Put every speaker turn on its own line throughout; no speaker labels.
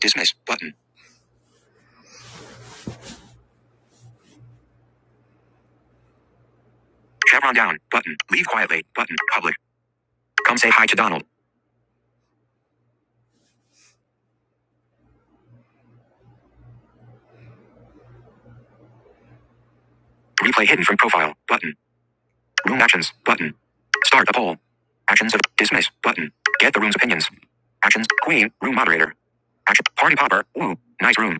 Dismiss button. Chevron down button. Leave quietly button. Public. Come say hi to Donald. Replay hidden from profile button. Room actions button. Start the poll. Actions of dismiss button. Get the room's opinions. Actions queen room moderator. Action party popper. Ooh, nice room.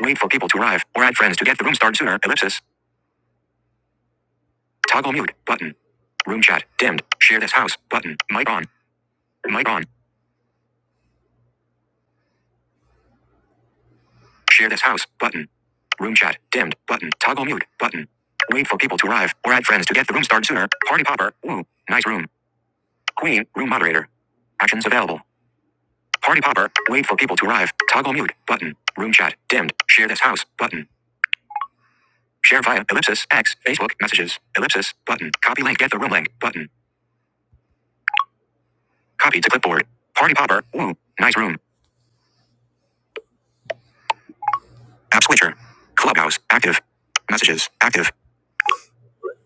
Wait for people to arrive or add friends to get the room started sooner. Ellipsis. Toggle mute button. Room chat dimmed. Share this house button. Mic on. Mic on. Share this house button. Room chat dimmed button. Toggle mute button. Wait for people to arrive or add friends to get the room started sooner. Party popper. Woo. Nice room. Queen. Room moderator. Actions available. Party popper. Wait for people to arrive. Toggle mute button. Room chat dimmed. Share this house button. Share via ellipsis X Facebook messages ellipsis button. Copy link. Get the room link button. Copy to clipboard. Party popper. Woo. Nice room. App switcher. Clubhouse active. Messages active.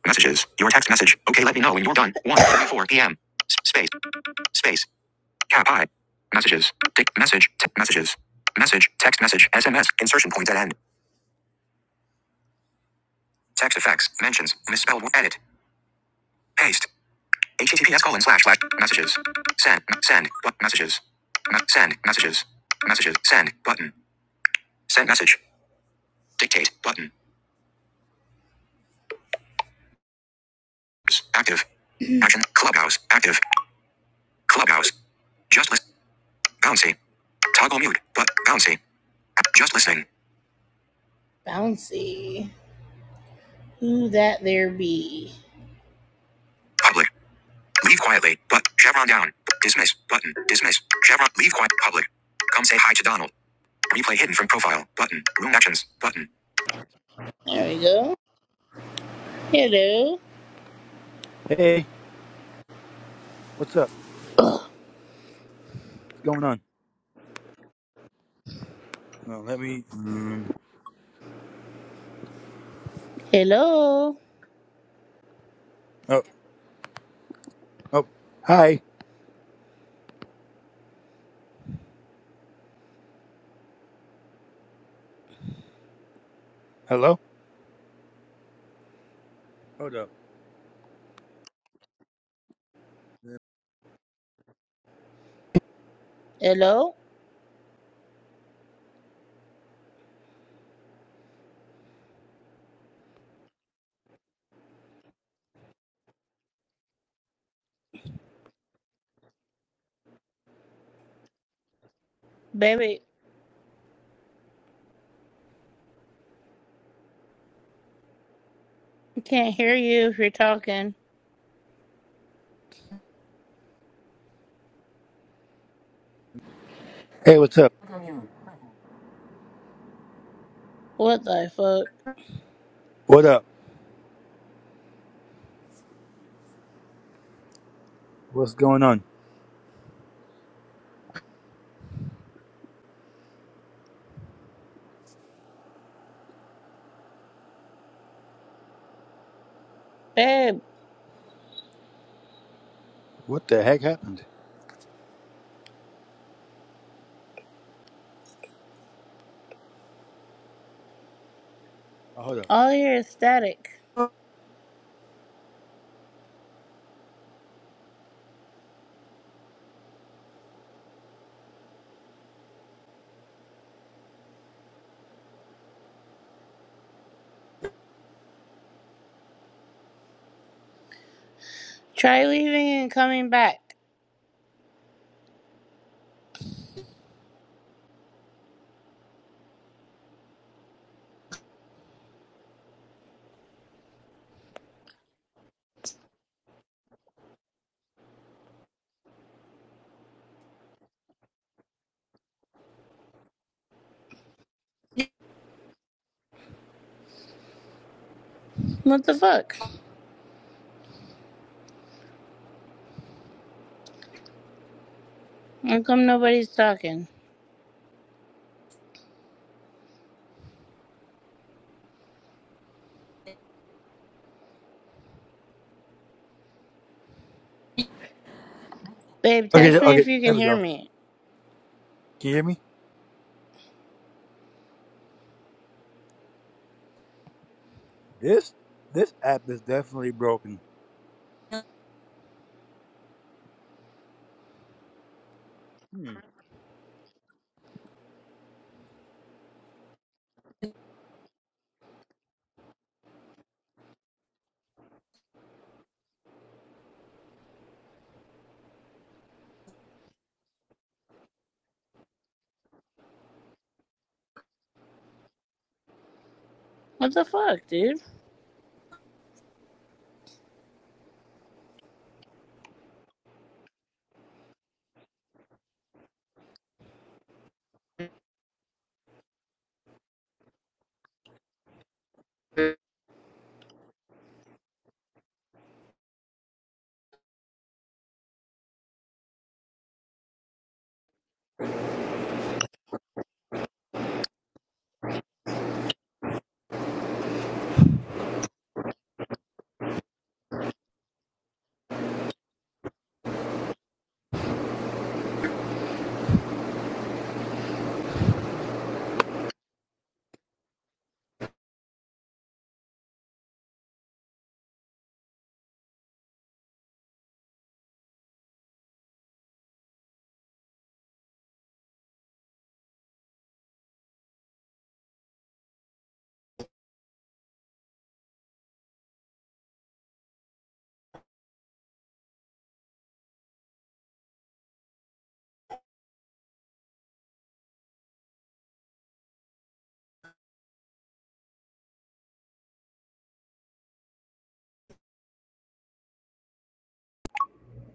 Messages. Your text message. Okay, let me know when you're done. One thirty-four p.m. Space. Space. Cap I. Messages. Dick. Message. T- messages. Message. Text message. SMS. Insertion point at end. Text effects. Mentions. Misspelled. Edit. Paste. HTTPS colon slash slash. Messages. Send. Send. messages. send. Messages. Messages. Send. Button. Send message. Dictate. Button. Active. Action. Clubhouse. Active. Clubhouse. Just list. Bouncy. Toggle mute. But bouncy. Just listening. Bouncy. Who that there be? Public. Leave quietly. But Chevron down. Dismiss. Button. Dismiss. Chevron. Leave quiet. Public. Come say hi to Donald. Replay hidden from profile. Button. Room actions. Button. There we go. Hello.
Hey, what's up? What's going on? No, let me. Mm,
Hello.
oh, oh, hi. Hello. Hold up.
Hello. Baby, we can't hear you if you're talking.
Hey, what's up?
What the fuck?
What up? What's going on?
Babe,
What the heck happened? Oh, hold up.
all here is static. Try leaving and coming back. What the fuck? How come nobody's talking? Babe,
Okay,
text
th-
me if
okay.
you can
There we
hear
go.
me.
Can you hear me? This this app is definitely broken.
they
What the fuck, dude?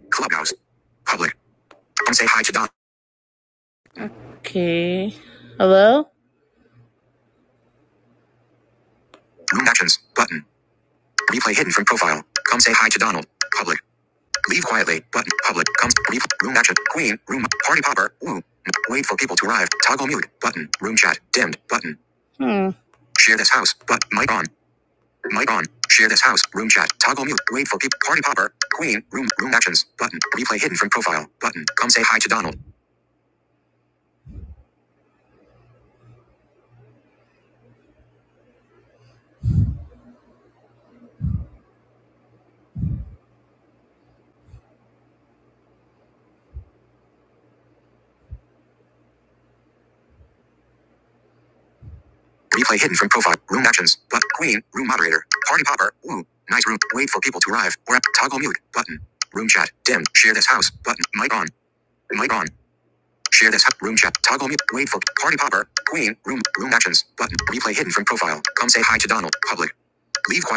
Clubhouse. Public. Say hi to Don. Okay. Hello? Room actions. Button. Replay hidden from profile. Come say hi to Donald. Public. Leave quietly. Button. Public. Comes. room action. Queen. Room. Party popper. Woo. Wait for people to arrive. Toggle mute. Button. Room chat. Dimmed. Button. Hmm. Share this house. But mic on. Mic on. Share this house. Room chat. Toggle mute. Wait for people. Party popper. Queen. Room. Room actions. Button. Replay hidden from profile. Button. Come say hi to Donald. Replay hidden from profile. Room actions. But queen. Room moderator. Party popper. Woo. Nice room. Wait for people to arrive. Or toggle mute button. Room chat. Dim. Share this house button. Mic on. Mic on. Share this room chat. Toggle mute. Wait for party popper. Queen. Room. Room actions button. Replay hidden from profile. Come say hi to Donald. Public. Leave. quiet.